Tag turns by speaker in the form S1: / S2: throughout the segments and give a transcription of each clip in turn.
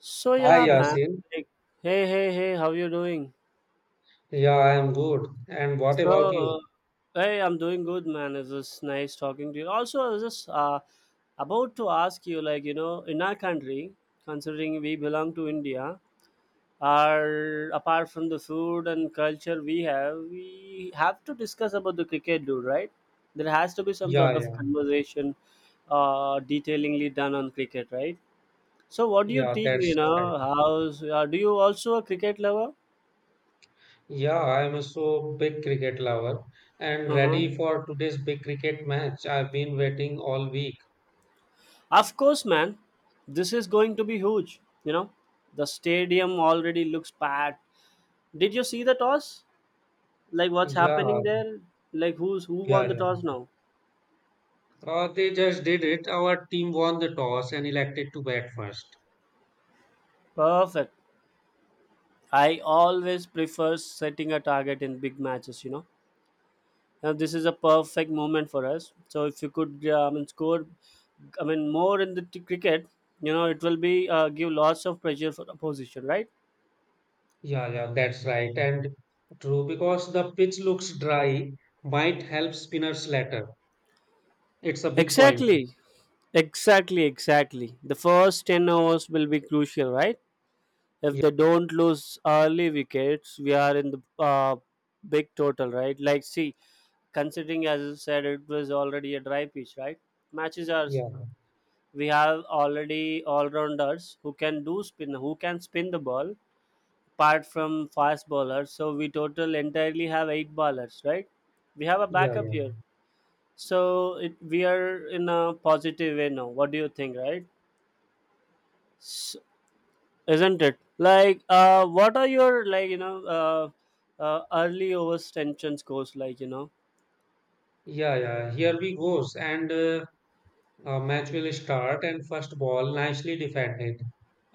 S1: So
S2: Hi
S1: yeah, man.
S2: Yasin.
S1: Like, hey, hey, hey, how you doing?
S2: Yeah, I am good. And what
S1: So,
S2: about
S1: uh,
S2: you?
S1: Hey, I'm doing good, man. It's just nice talking to you. Also, I was just about to ask you, like, you know, in our country, considering we belong to India, our apart from the food and culture we have to discuss about the cricket, dude. Right? There has to be some
S2: Yeah,
S1: sort of
S2: yeah,
S1: conversation, detailingly done on cricket, right? So what do you
S2: yeah,
S1: think, you
S2: that's right.
S1: know, how's, do you also a cricket lover?
S2: Yeah, I am so big cricket lover and
S1: Uh-huh.
S2: ready for today's big cricket match. I've been waiting all week.
S1: Of course, man. This is going to be huge, you know. The stadium already looks packed. Did you see the toss? Like what's
S2: Yeah,
S1: happening there? Like who
S2: yeah,
S1: won the
S2: yeah.
S1: toss now?
S2: They just did it. Our team won the toss and elected to bat first.
S1: Perfect. I always prefer setting a target in big matches, you know. Now this is a perfect moment for us. So if you could, I mean, I mean, more in the cricket, you know, it will be give lots of pressure for opposition, right?
S2: Yeah, yeah, that's right. And true, because the pitch looks dry, might help spinners later. It's a big point.
S1: Exactly, exactly, exactly. The first 10 hours will be crucial, right? If
S2: Yeah,
S1: they don't lose early wickets, we are in the big total, right? Like, see, considering as you said, it was already a dry pitch, right? Matches are
S2: yeah,
S1: We have already all rounders who can do spin, who can spin the ball apart from fast bowlers. So we total entirely have eight bowlers, right? We have a
S2: yeah,
S1: backup
S2: yeah.
S1: here, so we are in a positive way. Now what do you think, right? S Isn't it like what are your, like, you know, uh, early overtension scores, like, you know?
S2: Yeah, yeah, here we goes. And match will start and first ball nicely defended.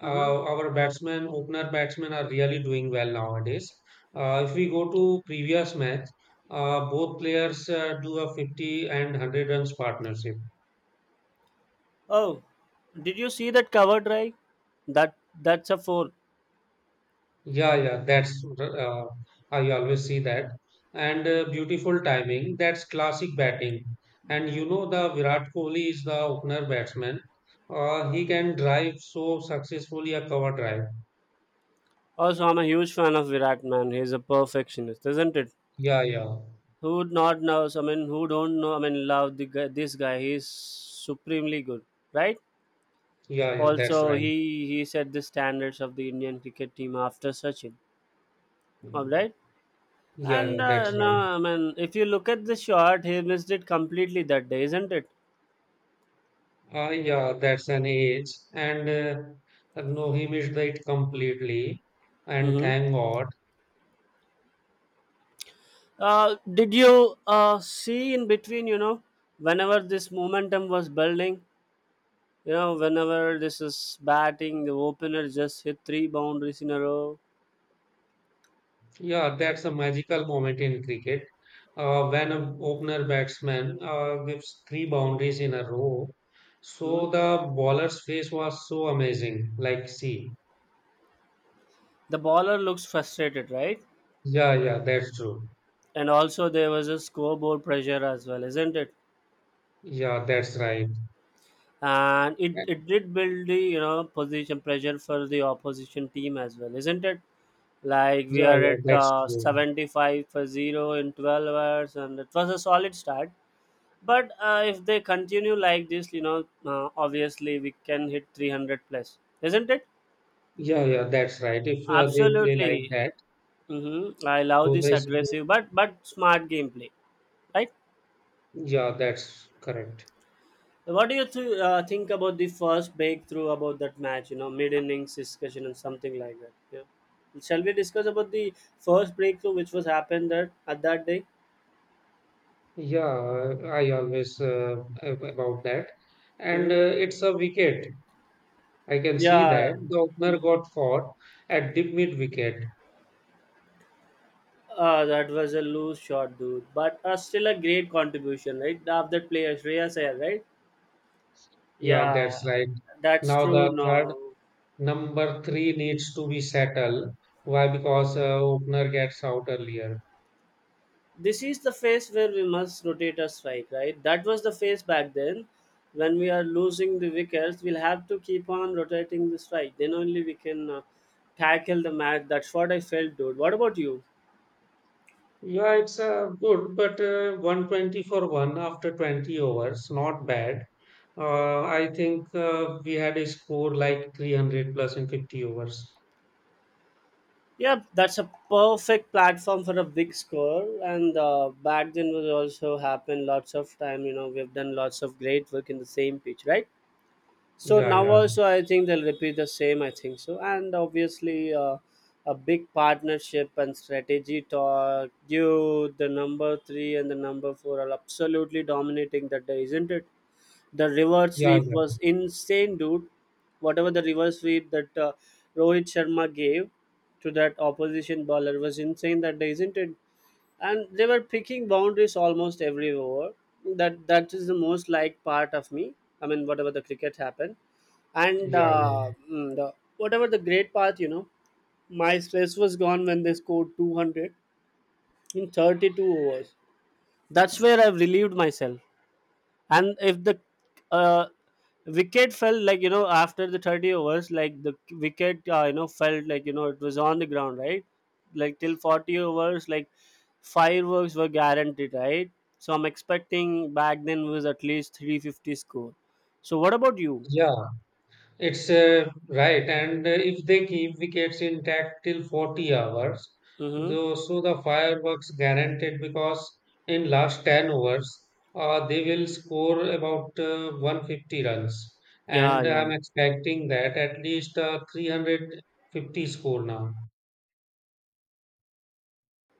S1: Hmm.
S2: our batsmen, opener batsmen are really doing well nowadays. If we go to previous match, both players do a 50 and 100 runs partnership.
S1: Oh, did you see that cover drive? that that's a four.
S2: Yeah, yeah, that's I always see that. And beautiful timing, that's classic batting. And you know, the Virat Kohli is the opener batsman. He can drive so successfully a cover drive.
S1: Also, I'm a huge fan of Virat, man. He's a perfectionist, isn't it?
S2: Yeah, yeah,
S1: Who would not know? I mean, who don't know? I mean, love the guy, this guy. He's supremely good, right?
S2: yeah, yeah, that's
S1: Also,
S2: right.
S1: he set the standards of the Indian cricket team after Sachin. All right.
S2: Yeah,
S1: And
S2: yeah, that's
S1: no,
S2: right.
S1: I mean, if you look at the shot, he missed it completely that day, isn't it?
S2: Yeah, that's an age. And no, he missed it completely. And
S1: Mm-hmm.
S2: thank God.
S1: Did you see in between, you know, whenever this momentum was building, you know, whenever this is batting, the opener just hit three boundaries in a row.
S2: Yeah, that's a magical moment in cricket. When an opener batsman gives three boundaries in a row.
S1: Hmm.
S2: So the bowler's face was so amazing. Like, see,
S1: The baller looks frustrated, right?
S2: yeah, yeah, that's true.
S1: And also, there was a scoreboard pressure as well, isn't it?
S2: Yeah, that's right.
S1: And it did build the, you know, position pressure for the opposition team as well, isn't it? Like we
S2: Yeah,
S1: are
S2: yeah,
S1: at
S2: that's true.
S1: 75 for 0 in 12 hours and it was a solid start. But if they continue like this, you know, obviously we can hit 300 plus, isn't it?
S2: Yeah, yeah, that's right. If they play like
S1: Absolutely.
S2: that,
S1: Mm-hmm. I love
S2: so
S1: this
S2: they,
S1: aggressive but smart gameplay, right.
S2: yeah, that's correct.
S1: What do you think about the first breakthrough about that match? You know, mid innings discussion and something like that. Yeah. Shall we discuss about the first breakthrough which was happened that at that day?
S2: Yeah, I always about that. And
S1: Hmm.
S2: it's a wicket. I can see
S1: Yeah.
S2: that the opener
S1: Mhm.
S2: got caught at deep mid wicket.
S1: That was a loose shot, dude. But still a great contribution, right? Of that player, Shreyas Iyer, right?
S2: Yeah,
S1: Yeah,
S2: that's right.
S1: that's
S2: Now
S1: true.
S2: the third
S1: No,
S2: number three needs to be settled. Why? Because opener gets out earlier.
S1: this is the phase where we must rotate our strike, right? That was the phase back then. When we are losing the wickets, we'll have to keep on rotating the strike. Then only we can tackle the match. That's what I felt, dude. What about you?
S2: Yeah, it's good, but 120 for one after 20 overs, not bad. I think we had a score like 300 plus in 50 overs.
S1: Yeah, that's a perfect platform for a big score. And back then was also happened lots of time. You know, we've done lots of great work in the same pitch, right? So
S2: Yeah,
S1: now
S2: yeah,
S1: also, I think they'll repeat the same. I think so, and obviously, a big partnership and strategy talk. You, the number three and the number four are absolutely dominating that day, isn't it? The reverse
S2: yeah,
S1: sweep
S2: yeah,
S1: was insane, dude. Whatever the reverse sweep that Rohit Sharma gave to that opposition bowler was insane that day, isn't it? And they were picking boundaries almost every over. That is the most like part of me. I mean, whatever the cricket happened. And
S2: yeah, yeah.
S1: whatever the great part, you know, my stress was gone when they scored 200 in 32 overs. That's where I've relieved myself. And if the uh, wicket fell, like, you know, after the 30 overs, like the wicket, you know, felt like, you know, it was on the ground, right? Like till 40 overs, like fireworks were guaranteed, right? So I'm expecting back then was at least 350 score. So what about you?
S2: Yeah, it's right, and if they keep wickets intact till 40 hours,
S1: Mm-hmm.
S2: though, so the fireworks guaranteed because in last 10 overs, they will score about 150 runs,
S1: Yeah,
S2: and
S1: yeah.
S2: I'm expecting that at least 350 score now.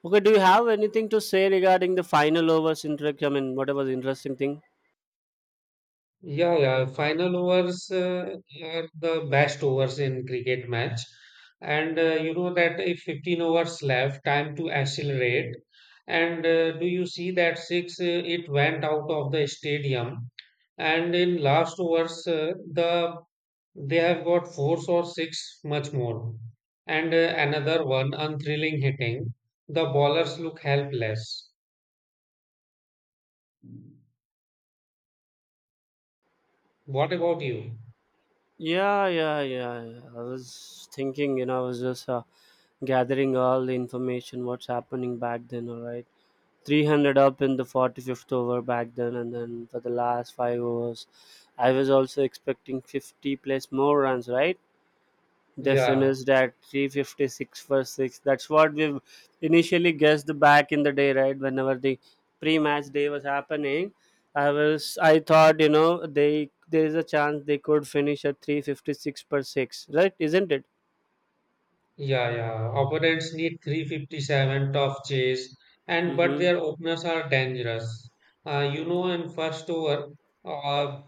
S1: Okay, do you have anything to say regarding the final overs interaction? I mean, whatever the interesting thing.
S2: Yeah, yeah. Final overs are the best overs in cricket match, and you know that if 15 overs left, time to accelerate. And do you see that six? It went out of the stadium, and in last overs, they have got four or six, much more, and another one unthrilling hitting. The bowlers look helpless. What about you?
S1: Yeah, yeah, yeah, yeah. I was thinking, you know, I was just gathering all the information, what's happening back then, all right? 300 up in the 45th over back then, and then for the last five overs, I was also expecting 50 plus more runs, right? They
S2: Yeah.
S1: finished at 356 for 6. That's what we initially guessed back in the day, right? Whenever the pre-match day was happening, I thought, you know, they there is a chance they could finish at 356 per 6, right? Isn't it?
S2: Yeah, yeah. Opponents need 357 tough chase, and but
S1: Mm-hmm.
S2: their openers are dangerous. You know, in first over, uh,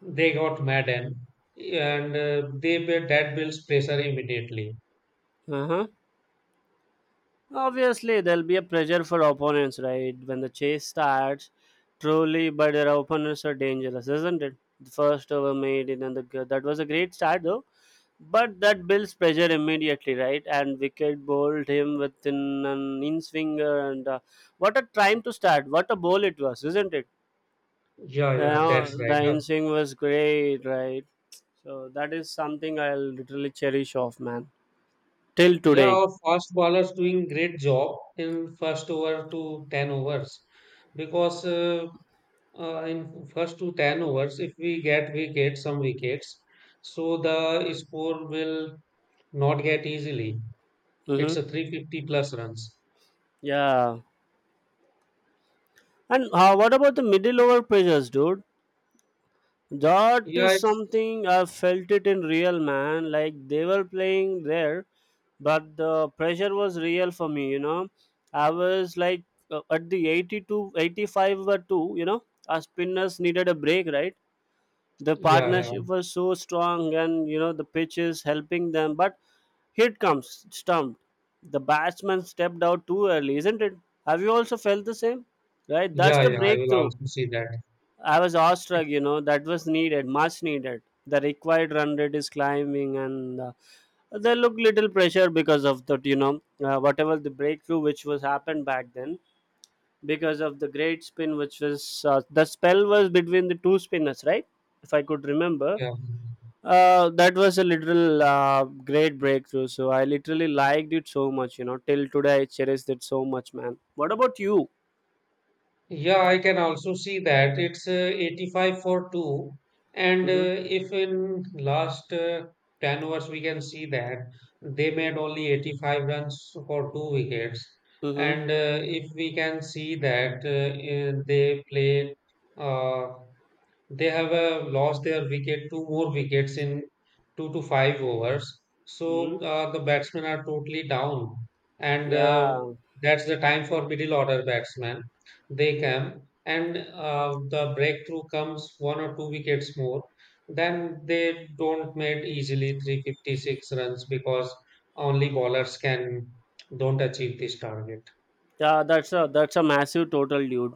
S2: they got Madden, and they built that builds pressure immediately.
S1: Uh-huh. Obviously, there'll be a pressure for opponents, right? When the chase starts, truly, but their opponents are dangerous, isn't it? The first over made it, and that was a great start, though. But that builds pressure immediately, right? And wicket bowled him within an in swinger, and what a time to start! What a bowl it was, isn't it?
S2: Yeah,
S1: You
S2: yeah, that's
S1: know,
S2: right.
S1: the
S2: Uh,
S1: in swing was great, right? So that is something I'll literally cherish off, man, till
S2: yeah,
S1: today.
S2: our fast bowlers doing great job in first over to 10 overs because in first to 10 overs, if we get wickets, some wickets, so the score will not get easily. It's a
S1: Mm-hmm.
S2: 350 plus runs.
S1: Yeah. And what about the middle over pressures, dude? That
S2: Yeah,
S1: is
S2: it's
S1: something I felt it in real, man. Like they were playing there, but the pressure was real for me. You know, I was like at the 82, 85 or two. You know, our spinners needed a break, right? The
S2: yeah, yeah,
S1: partnership was so strong, and you know the pitch is helping them. But here it comes stumped. The batsman stepped out too early, isn't it? Have you also felt the same? Right, that's
S2: yeah,
S1: the
S2: yeah. I will
S1: breakthrough.
S2: also see that.
S1: I was
S2: It's
S1: awestruck, you know, that was needed, much needed. The required run rate is climbing, and they look little pressure because of that, you know, whatever the breakthrough which was happened back then, because of the great spin, which was the spell was between the two spinners, right? If I could remember,
S2: yeah,
S1: that was a literal great breakthrough. So I literally liked it so much, you know, till today I cherished it so much, man. What about you?
S2: yeah. I can also see that it's 85 for two. And
S1: Mm-hmm.
S2: if in last 10 overs we can see that they made only 85 runs for two wickets. And
S1: Mm-hmm.
S2: if we can see that uh, they have lost their wicket, two more wickets in two to five overs. So
S1: Mm-hmm.
S2: the batsmen are totally down, and
S1: Yeah.
S2: that's the time for middle order batsmen. They come and the breakthrough comes one or two wickets more. Then they don't make easily 356 runs because only bowlers can don't achieve this target.
S1: Yeah, that's a massive total, dude.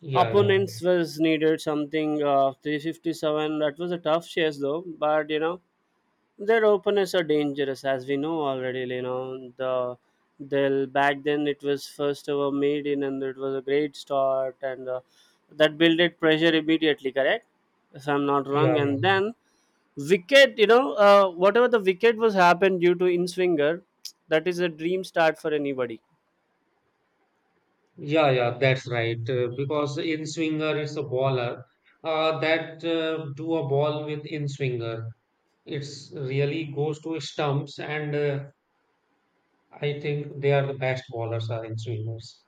S2: Yeah, yeah,
S1: Opponents was needed something 357. That was a tough chase though, but you know their openers are dangerous as we know already. You know the they'll back then it was first over made in and it was a great start and that builded pressure immediately. Correct, if I'm not
S2: yeah,
S1: wrong.
S2: yeah.
S1: And then wicket, you know, whatever the wicket was happened due to in swinger, that is a dream start for anybody.
S2: Yeah, yeah, that's right. Because in swinger is a baller. That do a ball with in swinger. It's really goes to stumps, and I think they are the best ballers are in swingers.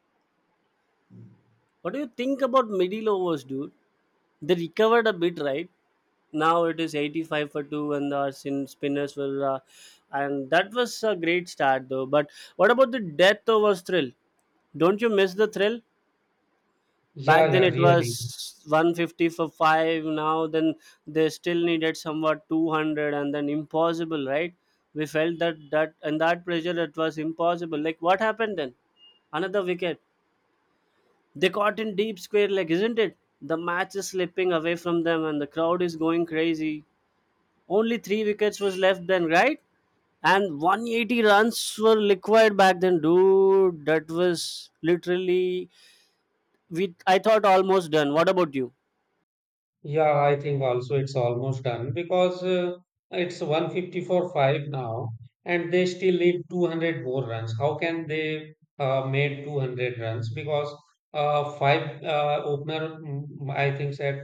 S1: What do you think about middle overs, dude? They recovered a bit, right? Now it is 85 for 2 and the sin spinners were... and that was a great start, though. But what about the death overs thrill? Don't you miss the thrill?
S2: Yeah,
S1: Back then
S2: yeah,
S1: it
S2: really.
S1: was 150 for 5. Now then they still needed somewhat 200 and then impossible, right? We felt that that and that pressure it was impossible. Like what happened then? Another wicket. They caught in deep square leg, isn't it? The match is slipping away from them and the crowd is going crazy. Only three wickets was left then, right? And 180 runs were required back then, dude. That was literally we I thought almost done. What about you?
S2: Yeah, I think also it's almost done because it's 154/5 now and they still need 200 more runs. How can they made 200 runs? Because five opener, I think said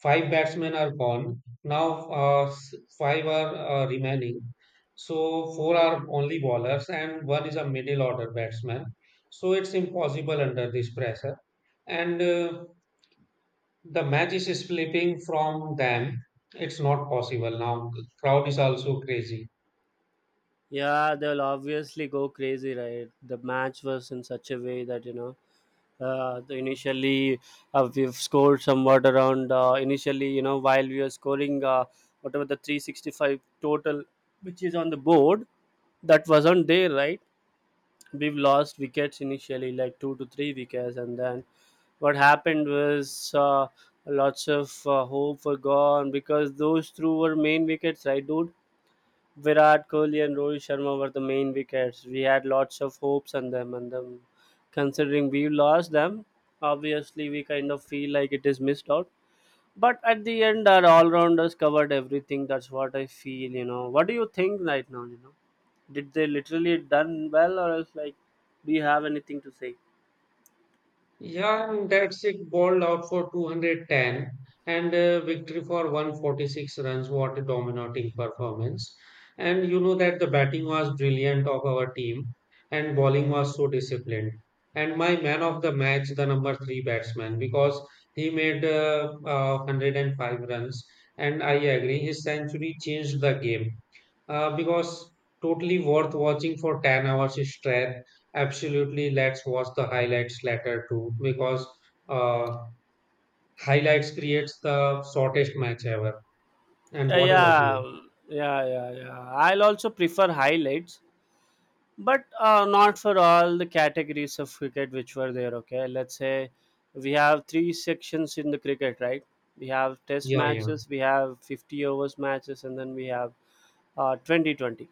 S2: five batsmen are gone. Now five are remaining. So four are only bowlers and one is a middle order batsman. So it's impossible under this pressure. And the match is slipping from them. It's not possible now. The crowd is also crazy.
S1: Yeah, they'll obviously go crazy, right? The match was in such a way that you know, the initially we've scored somewhat around. Initially, you know, while we were scoring, whatever the 365 total, which is on the board, that wasn't there, right? We've lost wickets initially, like two to three wickets, and then what happened was lots of hope were gone because those two were main wickets, right, dude? Virat Kohli and Rohit Sharma were the main wickets. We had lots of hopes on them, and them. Considering we lost them, obviously we kind of feel like it is missed out. But at the end, our all-rounders covered everything. That's what I feel. You know, what do you think right now? You know, did they literally done well, or else like, do you have anything to say?
S2: Yeah, and that's it. Bowled out for 210 and victory for 146 runs. What a dominating performance. And you know that the batting was brilliant of our team and bowling was so disciplined. And my man of the match, the number three batsman, because he made 105 runs. And I agree, his century changed the game because totally worth watching for 10 hours straight. Absolutely, let's watch the highlights later too because uh, highlights creates the shortest match ever. And what about
S1: Yeah,
S2: you?
S1: yeah, yeah, yeah. I'll also prefer highlights, but not for all the categories of cricket which were there. Okay, let's say we have three sections in the cricket, right? We have test
S2: Yeah, yeah,
S1: matches, we have 50 overs matches, and then we have twenty twenty.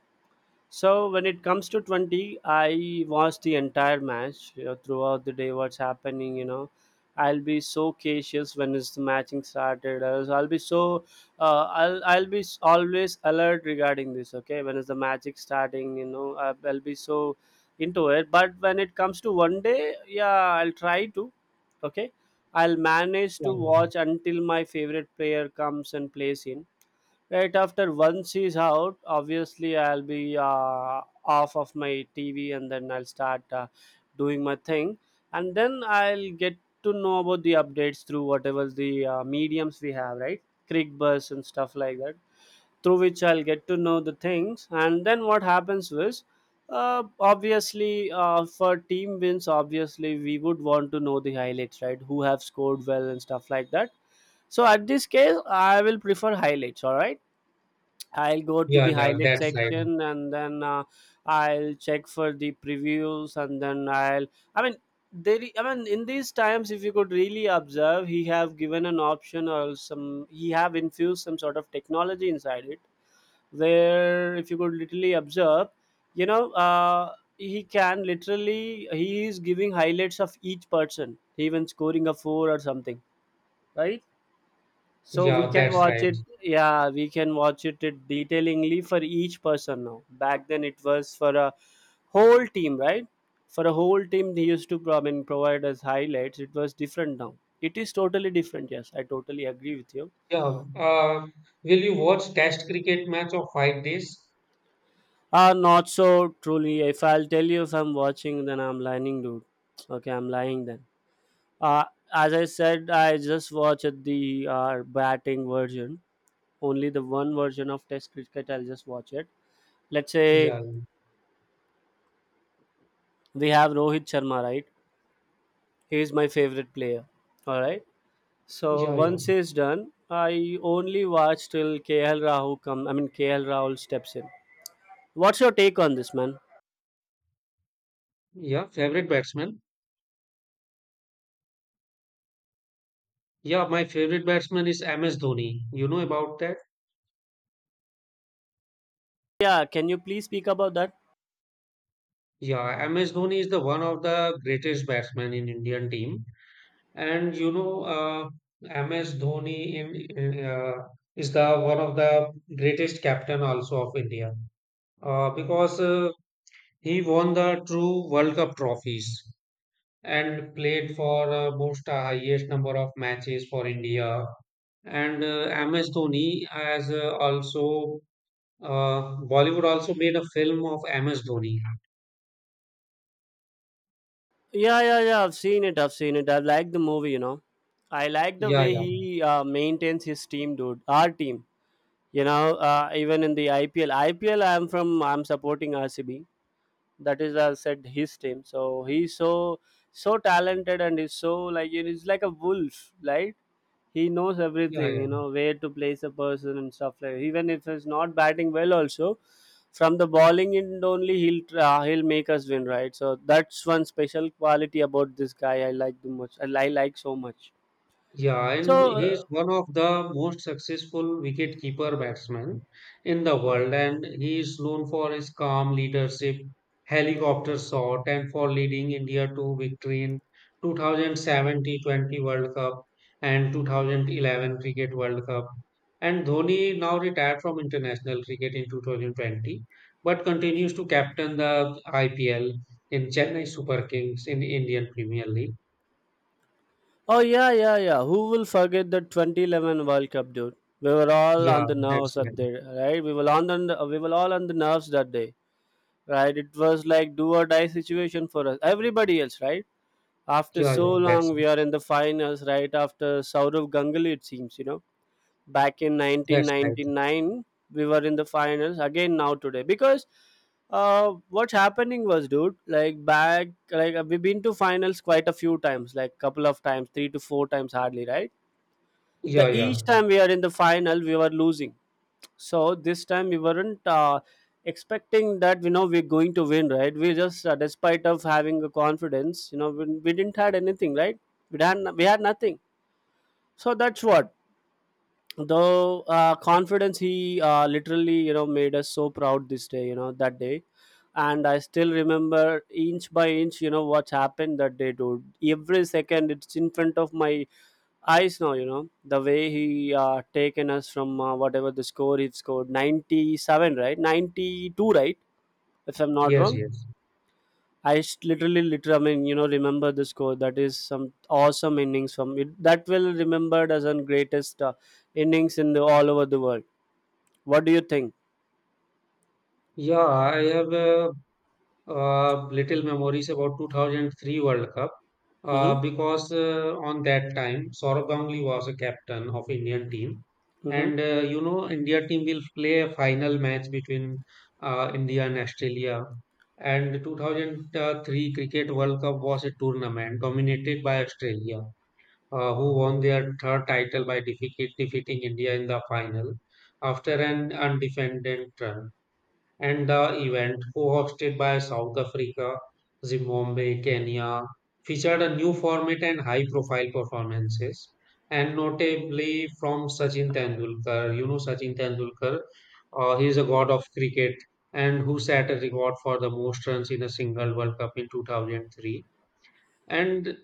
S1: So when it comes to 20, I watched the entire match, throughout the day. What's happening, you know? I'll be so cautious when is the matching started. I'll be always alert regarding this. Okay, when is the magic starting? You know, I'll be so into it. But when it comes to one day, yeah, I'll try to. Okay, I'll manage
S2: yeah,
S1: to watch until my favorite player comes and plays in. Right after once he's out, obviously I'll be off of my TV, and then I'll start doing my thing. And then I'll get to know about the updates through whatever the mediums we have, right? Creek bus and stuff like that, through which I'll get to know the things. And then what happens was, obviously, for team wins, obviously we would want to know the highlights, right? Who have scored well and stuff like that. So at this case, I will prefer highlights. All right, I'll go to
S2: yeah,
S1: the
S2: yeah. yeah,
S1: highlight
S2: that's right.
S1: section, and then I'll check for the previews, and then I mean, there, I mean, in these times, if you could really observe, he have given an option, or some he have infused some sort of technology inside it, where if you could literally observe, you know, he can literally he is giving highlights of each person even scoring a 4 or something, right? So we
S2: Yeah,
S1: can
S2: that's
S1: watch
S2: right.
S1: it. Yeah, we can watch it detailingly for each person now. Back then, it was for a whole team, right? For a whole team, they used to I mean, provide us highlights. It was different now. It is totally different. Yes, I totally agree with you.
S2: Yeah. Will you watch Test cricket match of 5 days?
S1: Not so truly. If I'll tell you if I'm watching, then I'm lying, dude. Okay, I'm lying then. Uh, as I said, I just watched the batting version. Only the one version of Test cricket, I'll just watch it. Let's say
S2: Yeah,
S1: we have Rohit Sharma, right? He is my favorite player. All right. So
S2: yeah, yeah,
S1: once he's done, I only watch till KL Rahul come. I mean KL Rahul steps in. What's your take on this, man?
S2: yeah. Favorite batsman? Yeah, my favorite batsman is MS Dhoni. You know about that?
S1: Yeah, can you please speak about that?
S2: Yeah, MS Dhoni is the one of the greatest batsmen in Indian team. And you know, MS Dhoni is the one of the greatest captain also of India because he won the true World Cup trophies and played for most highest number of matches for India. And MS Dhoni has also Bollywood also made a film of MS Dhoni.
S1: Yeah, yeah, yeah. I've seen it. I've seen it. I like the movie. You know, I like the
S2: Yeah,
S1: way
S2: yeah,
S1: he maintains his team, dude. Our team. You know, even in the IPL. IPL, I'm from. I'm supporting RCB. That is, I said his team, so he's so talented, and he's so, like, it is like a wolf, right? He knows
S2: yeah,
S1: everything,
S2: yeah.
S1: you know, where to place a person and stuff like, even if he's not batting well also, from the bowling end only, he'll try, he'll make us win, right? So that's one special quality about this guy. I like the much. I like so much.
S2: Yeah, and
S1: so
S2: he is
S1: uh,
S2: one of the most successful wicketkeeper batsmen in the world, and he is known for his calm leadership, helicopter shot, and for leading India to victory in 2007 T20 World Cup and 2011 Cricket World Cup. And Dhoni now retired from international cricket in 2020, but continues to captain the IPL in Chennai Super Kings in Indian Premier League.
S1: oh yeah, yeah, yeah, who will forget the 2011 World Cup, dude? We were all
S2: Yeah,
S1: on the nerves
S2: that's right.
S1: that day, right? We were all on the nerves that day, right? It was like do or die situation for us, everybody else, right? After
S2: Yeah,
S1: so
S2: yeah, that's
S1: long we
S2: right.
S1: are in the finals, right? After Saurav Ganguly, it seems, you know, back in
S2: That's right.
S1: 1999, we were in the finals again now today, because what's happening was, dude, like back like, we've been to finals quite a few times, like couple of times, three to four times, hardly, right? The
S2: Yeah, yeah.
S1: each time we are in the final, we were losing. So this time we weren't expecting that, you know, we're going to win, right? We just Despite of having a confidence, you know, we didn't had anything, right? We had nothing. So that's what the confidence he literally, you know, made us so proud this day, you know, that day. And I still remember inch by inch, you know, what's happened that day, dude. Every second it's in front of my eyes now, you know, the way he taken us from whatever the score, he scored 97, right? 92, right? If I'm not
S2: Yes,
S1: wrong.
S2: yes.
S1: Literally, literally, I mean, you know, remember the score. That is some awesome innings from it. That will remembered as one greatest innings in the all over the world. What do you think?
S2: Yeah, I have little memories about 2003 World Cup uh,
S1: Mm-hmm.
S2: because uh, on that time Saurabh Ganguly was a captain of Indian team,
S1: Mm-hmm.
S2: and you know India team will play a final match between India and Australia. And 2003 Cricket World Cup was a tournament dominated by Australia. Who won their third title by defeating India in the final after an undefended run. And the event, co-hosted by South Africa, Zimbabwe, Kenya, featured a new format and high-profile performances, and notably from Sachin Tendulkar. You know Sachin Tendulkar, he is a god of cricket and who set a record for the most runs in a single World Cup in 2003 and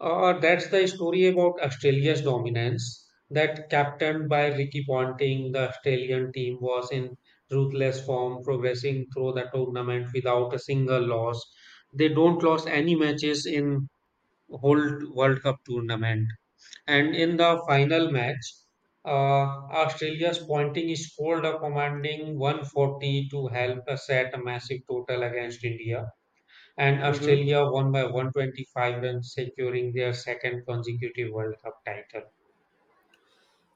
S2: that's the story about Australia's dominance. That captained by Ricky Ponting, the Australian team was in ruthless form, progressing through the tournament without a single loss. They don't lost any matches in whole World Cup tournament. And in the final match, Australia's Ponting scored a commanding 140 to help set a massive total against India and
S1: Mm-hmm.
S2: Australia won by 125 runs, securing their second consecutive World Cup title.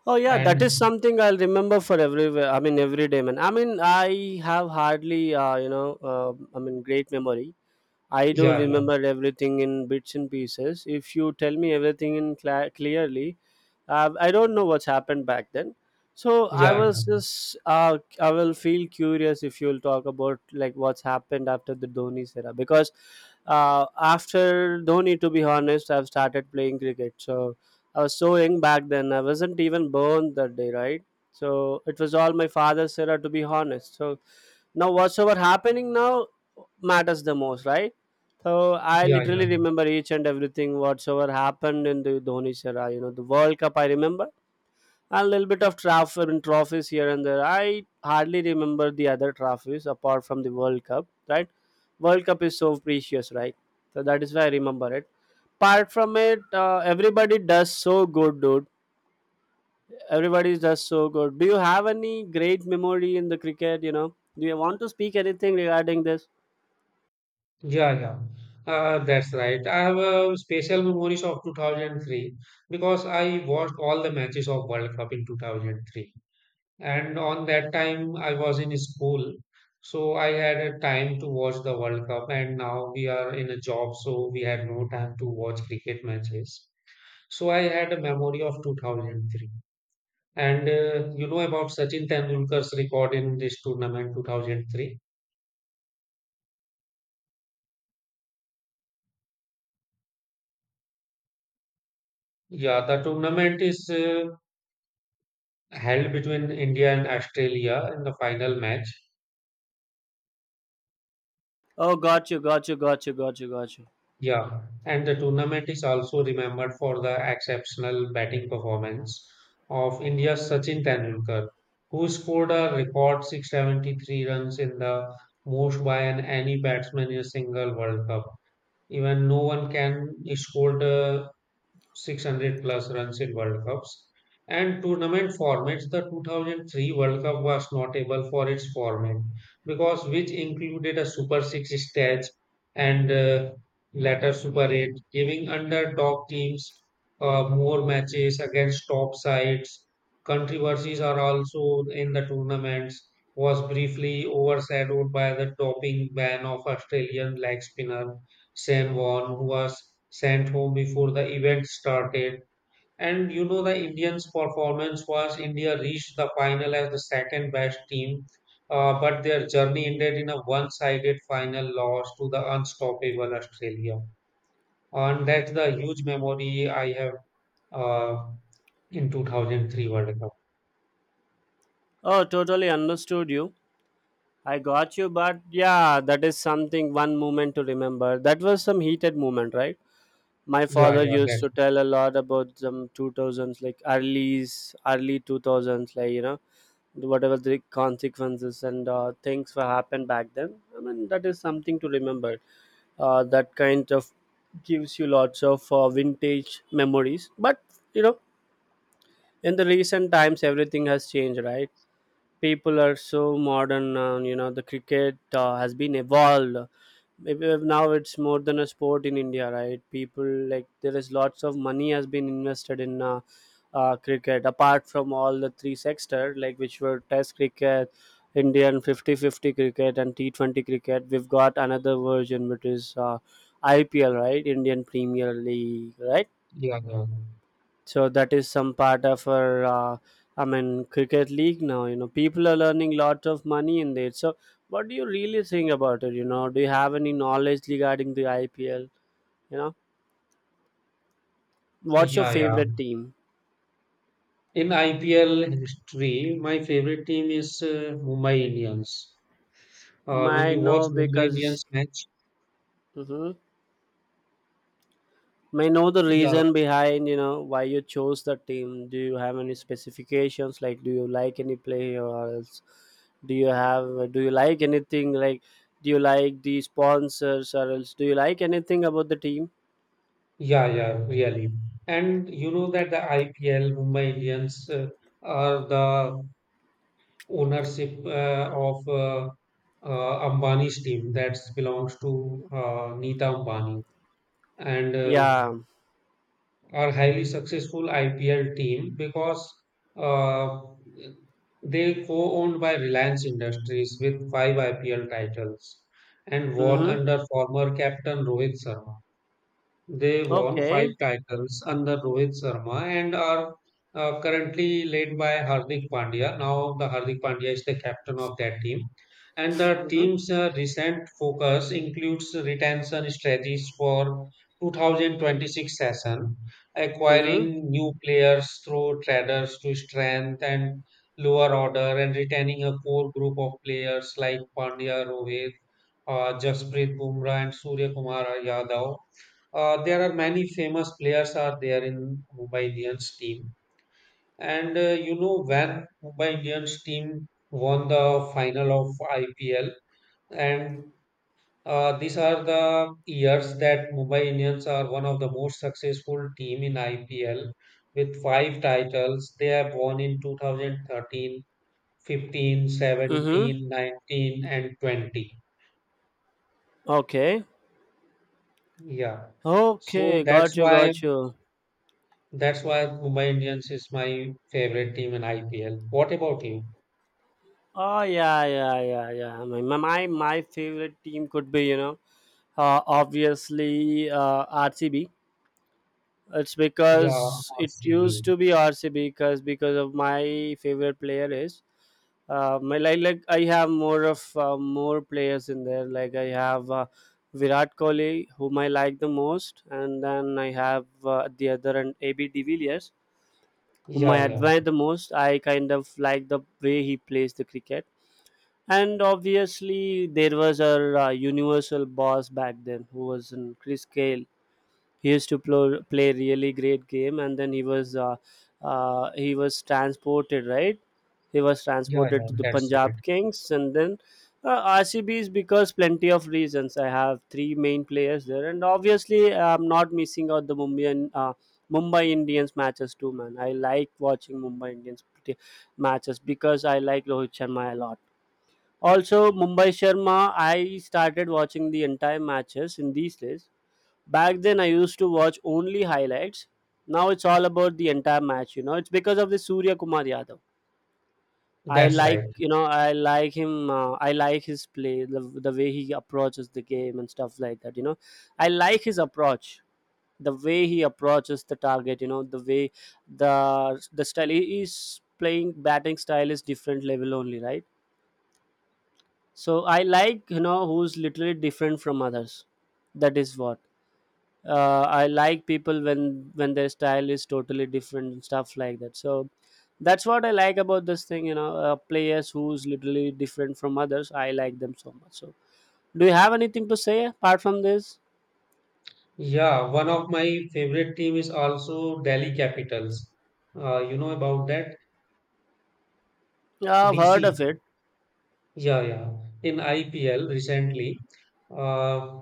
S1: Oh yeah, that is
S2: And
S1: something I'll remember for every. I mean, every day, man. I mean, I have hardly, you know, I mean, great memory. I do
S2: yeah,
S1: remember everything in bits and pieces. If you tell me everything in cla clearly, I don't know what's happened back then. So
S2: yeah, yeah,
S1: I will feel curious if you'll talk about like what's happened after the Dhoni era, because after Dhoni, to be honest, I've started playing cricket. So I was so young back then. I wasn't even born that day, right? So it was all my father's era, to be honest. So now whatsoever happening now matters the most, right? So I
S2: yeah, yeah,
S1: literally remember each and everything whatsoever happened in the Dhoni era. You know, the World Cup I remember, and a little bit of transfer and trophies here and there. I hardly remember the other trophies apart from the World Cup. Right, World Cup is so precious, right? So that is why I remember it. Apart from it, everybody does so good, dude. Everybody does so good. Do you have any great memory in the cricket? You know, do you want to speak anything regarding this?
S2: yeah, yeah. yeah. That's right. I have special memories of 2003 because I watched all the matches of World Cup in 2003. And on that time, I was in school, so I had a time to watch the World Cup. And now we are in a job, so we had no time to watch cricket matches. So I had a memory of 2003. And you know about Sachin Tendulkar's record in this tournament 2003? Yeah, the tournament is held between India and Australia in the final match.
S1: Oh, got you, got you, got you, got you, got you.
S2: Yeah, and the tournament is also remembered for the exceptional batting performance of India's Sachin Tendulkar, who scored a record 673 runs in the most by an any batsman in a single World Cup even no one can score the 600 plus runs in World Cups. And tournament formats, the 2003 World Cup was notable for its format because which included a Super 6 stage and later Super 8, giving underdog teams more matches against top sides. Controversies are also in the tournaments, was briefly overshadowed by the doping ban of Australian leg spinner San Juan, who was sent home before the event started. And you know, the Indians' performance was India reached the final as the second best team, but their journey ended in a one sided final loss to the unstoppable Australia. And that's the huge memory I have uh, in 2003 World Cup.
S1: Oh, totally understood you. I got you, but yeah, that is something one moment to remember. That was some heated moment, right? My
S2: Yeah,
S1: father
S2: yeah,
S1: used
S2: that's,
S1: to tell a lot about some 2000s, like early, early 2000s, like, you know, whatever the consequences and things were happened back then. I mean, that is something to remember. That kind of gives you lots of vintage memories. But, you know, in the recent times, everything has changed, right? People are so modern now, you know, the cricket has been evolved. Maybe now it's more than a sport in India, right? People like there is lots of money has been invested in cricket, apart from all the three sector like which were Test cricket, Indian 50 50 cricket, and T20 cricket. We've got another version which is IPL, right? Indian Premier League, right?
S2: yeah, yeah.
S1: So that is some part of our I mean cricket league now, you know, people are learning lots of money in there. So what do you really think about it? You know, do you have any knowledge regarding the IPL? You know, what's your
S2: Yeah, yeah.
S1: favorite team?
S2: In IPL history, my favorite team is Mumbai Indians. Will
S1: My,
S2: you watch
S1: no,
S2: Mumbai
S1: because.
S2: Indians match?
S1: Mhm. May know the
S2: Yeah,
S1: reason behind, you know, why you chose the team. Do you have any specifications? Like, do you like any player, or else do you have? Do you like anything? Like, do you like the sponsors, or else do you like anything about the team?
S2: yeah, yeah, really. And you know that the IPL, Mumbai Indians, are the ownership of Ambani's team that belongs to Nita Ambani and
S1: Yeah.
S2: are highly successful IPL team because uh, they co-owned by Reliance Industries with five IPL titles and won
S1: Mm-hmm.
S2: under former captain Rohit Sharma. They won five
S1: Okay.
S2: titles under Rohit Sharma and are currently led by Hardik Pandya. Now the Hardik Pandya is the captain of that team. And the
S1: Mm-hmm.
S2: team's recent focus includes retention strategies for 2026 session,
S1: Mm-hmm.
S2: acquiring new players through traders to strength and lower order and retaining a core group of players like Pandya, Rohit, Jasprit Bumrah and Surya Kumar Yadav there are many famous players are there in Mumbai Indians team. And you know when Mumbai Indians team won the final of IPL, and these are the years that Mumbai Indians are one of the most successful team in IPL with five titles. They have won in 2013, 15,
S1: Mm-hmm.
S2: 17, 19, and 20.
S1: Okay.
S2: Yeah. So
S1: Okay. Got you. Got you.
S2: That's why Mumbai Indians is my favorite team in IPL. What about you?
S1: Oh yeah, yeah, yeah, yeah. I mean, my favorite team could be, you know, obviously RCB. It's
S2: Yeah,
S1: because it
S2: RCB.
S1: used to be RCB because of my favorite player is. My like I have more of more players in there. Like I have Virat Kohli, whom I like the most, and then I have at the other end AB de Villiers, whom I
S2: Yeah, yeah,
S1: admire the most. I kind of like the way he plays the cricket, and obviously there was our universal boss back then, who was in Chris Gayle. He used to play really great game, and then he was transported, right? He was
S2: yeah,
S1: transported
S2: yeah.
S1: to the
S2: That's right.
S1: Punjab Kings, and then RCB's because plenty of reasons, I have three main players there. And obviously I'm not missing out the Mumbai, and Mumbai Indians matches too, man. I like watching Mumbai Indians matches because I like Rohit Sharma a lot. Also Mumbai Sharma. I started watching the entire matches in these days. Back then, I used to watch only highlights. Now it's all about the entire match. You know, it's because of the Surya Kumar Yadav. I
S2: That's
S1: like,
S2: right.
S1: you know, I like him. I like his play, the way he approaches the game and stuff like that. You know, I like his approach, the way he approaches the target, you know, the way the style he is playing, batting style is different level only, right? So I like, you know, who's literally different from others. That is what. I like people when their style is totally different and stuff like that. So that's what I like about this thing. You know, players who's literally different from others. I like them so much. So do you have anything to say apart from this?
S2: Yeah, one of my favorite team is also Delhi Capitals. You know about that?
S1: Yeah, I've heard
S2: DC.
S1: of it.
S2: Yeah, yeah. In IPL recently, uh,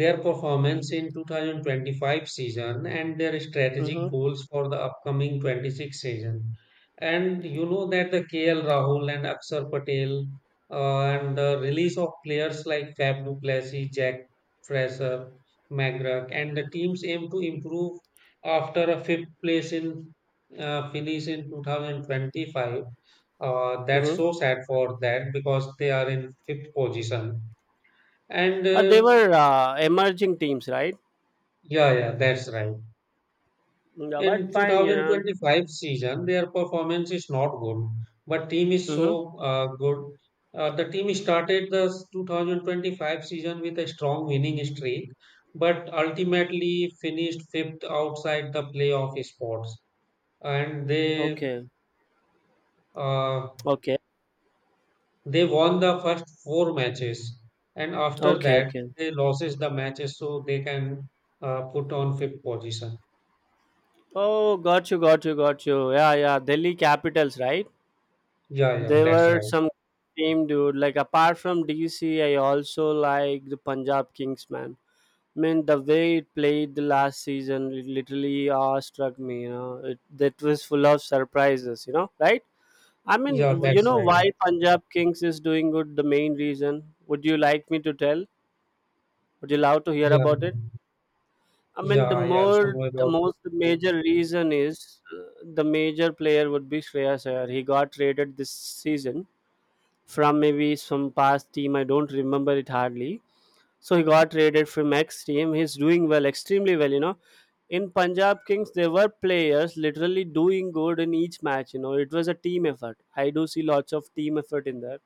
S2: their performance in 2025 season and their strategic
S1: Mm-hmm.
S2: goals for the upcoming 26 season. And you know that the KL Rahul and Akshar Patel and the release of players like Fab Duplessis, Jack Fraser, McGrath, and the teams aim to improve after a fifth place in finish in 2025. That's
S1: Mm-hmm.
S2: so sad for that because they are in fifth position. And
S1: They were emerging teams, right?
S2: yeah, yeah, that's right.
S1: Yeah, but
S2: In
S1: fine, you know.
S2: 2025 season, their performance is not good, but team is
S1: Mm-hmm.
S2: so good. The team started the 2025 season with a strong winning streak, but ultimately finished fifth outside the playoff spots. And
S1: Okay.
S2: uh,
S1: Okay.
S2: they won the first four matches, and after
S1: Okay.
S2: that
S1: Okay.
S2: they loses the matches, so they can put on fifth position.
S1: Oh, got you. Got you. Got you. Yeah. Yeah. Delhi Capitals, right?
S2: Yeah, yeah,
S1: There
S2: that's
S1: were
S2: right.
S1: some team, dude. Like apart from DC, I also like the Punjab Kings, man. I mean, the way it played the last season, it literally struck me. You know, it that was full of surprises. You know, right? I
S2: Yeah,
S1: mean, you
S2: that's
S1: know
S2: right.
S1: why Punjab Kings is doing good. The main reason. Would you like me to tell? Would you love to hear
S2: Yeah,
S1: about it? I
S2: yeah,
S1: mean,
S2: I also know
S1: the
S2: about.
S1: most major reason is the major player would be Shreyas Iyer. He got traded this season, from maybe some past team. I don't remember it hardly. So he got traded from X team. He's doing well, extremely well. You know, in Punjab Kings, there were players literally doing good in each match. You know, it was a team effort. I do see lots of team effort in there.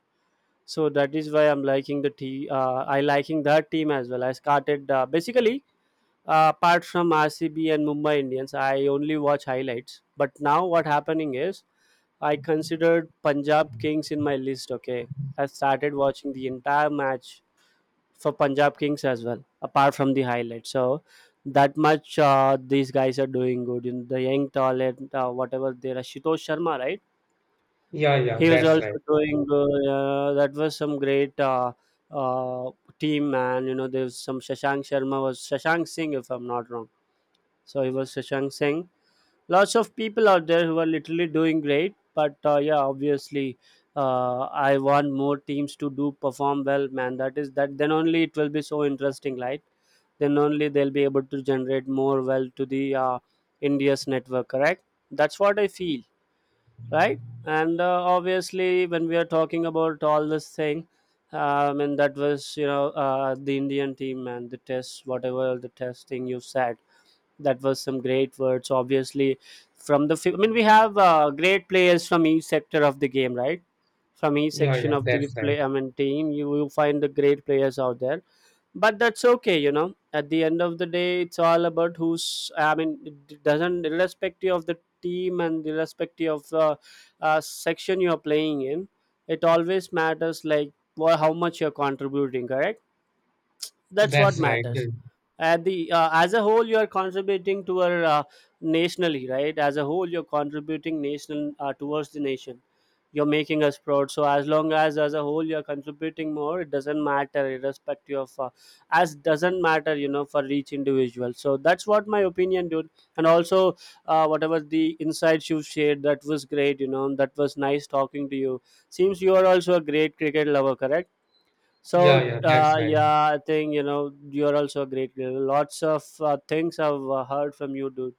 S1: So that is why I'm liking the team. I liking that team as well. I started basically. Apart from RCB and Mumbai Indians, I only watch highlights. But now what happening is I considered Punjab Kings in my list. Okay, I started watching the entire match for Punjab Kings as well, apart from the highlights. So that much these guys are doing good. In the young talent, whatever there are, Shitosh Sharma, right?
S2: Yeah, yeah,
S1: He was
S2: that's
S1: also
S2: right.
S1: doing good. That was some great uh, team, man. You know, there's some Shashank Sharma, was Shashank Singh, if I'm not wrong. So he was Shashank Singh, lots of people out there who are literally doing great, but yeah, obviously, uh, I want more teams to do perform well, man. That is that, then only it will be so interesting, right? Then only they'll be able to generate more well to the India's network, correct? That's what I feel, right? And obviously, when we are talking about all this thing, I mean, that was, you know, the Indian team and the test, whatever the test thing you said, that was some great words, obviously. I mean, we have great players from each sector of the game, right? From each
S2: Yeah, yeah,
S1: section of the
S2: that's right.
S1: play, I mean team, you will find the great players out there. But that's okay, you know, at the end of the day, it's all about who's, I mean, it doesn't, irrespective of the team and irrespective of the section you are playing in, it always matters like how much you're contributing, correct? That's what
S2: That's right. Yeah,
S1: matters. At the as a whole you are contributing to our nationally, right? As a whole, you're contributing national towards the nation. You're making us proud, so as long as a whole you're contributing more, it doesn't matter irrespective of as doesn't matter, you know, for each individual. So that's what my opinion, dude. And also, whatever the insights you shared, that was great, you know. That was nice talking to you. Seems you are also a great cricket lover, correct?
S2: yeah,
S1: So
S2: yeah, that's right.
S1: yeah, I think, you know, you're also a great girl. Lots of things I've heard from you, dude.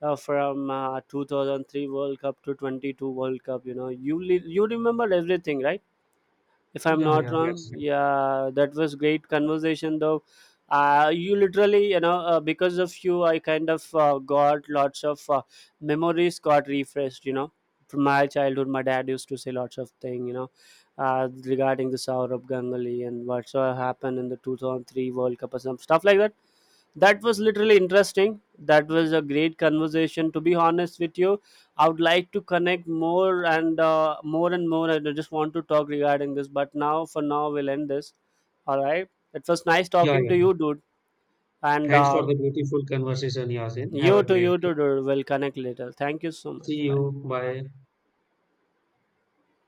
S1: From 2003 World Cup to 22 World Cup, you know, you remember everything, right? If I'm
S2: Yeah,
S1: not
S2: yeah,
S1: wrong.
S2: that's right.
S1: Yeah, that was great conversation though. You literally, you know, because of you I kind of got lots of memories got refreshed, you know, from my childhood. My dad used to say lots of thing, you know, regarding the Saurabh Ganguly and what so happened in the 2003 World Cup or some stuff like that. That was literally interesting. That was a great conversation, to be honest with you. I would like to connect more and more and more. I just want to talk regarding this, but now for now we'll end this. All right, it was nice
S2: Yeah,
S1: talking
S2: yeah.
S1: to you, dude. And
S2: Thanks for the beautiful conversation, Yasin. Have a
S1: you to, you
S2: great
S1: to,
S2: day.
S1: dude, we'll connect later. Thank you so
S2: See
S1: much,
S2: you.
S1: bye.
S2: Bye.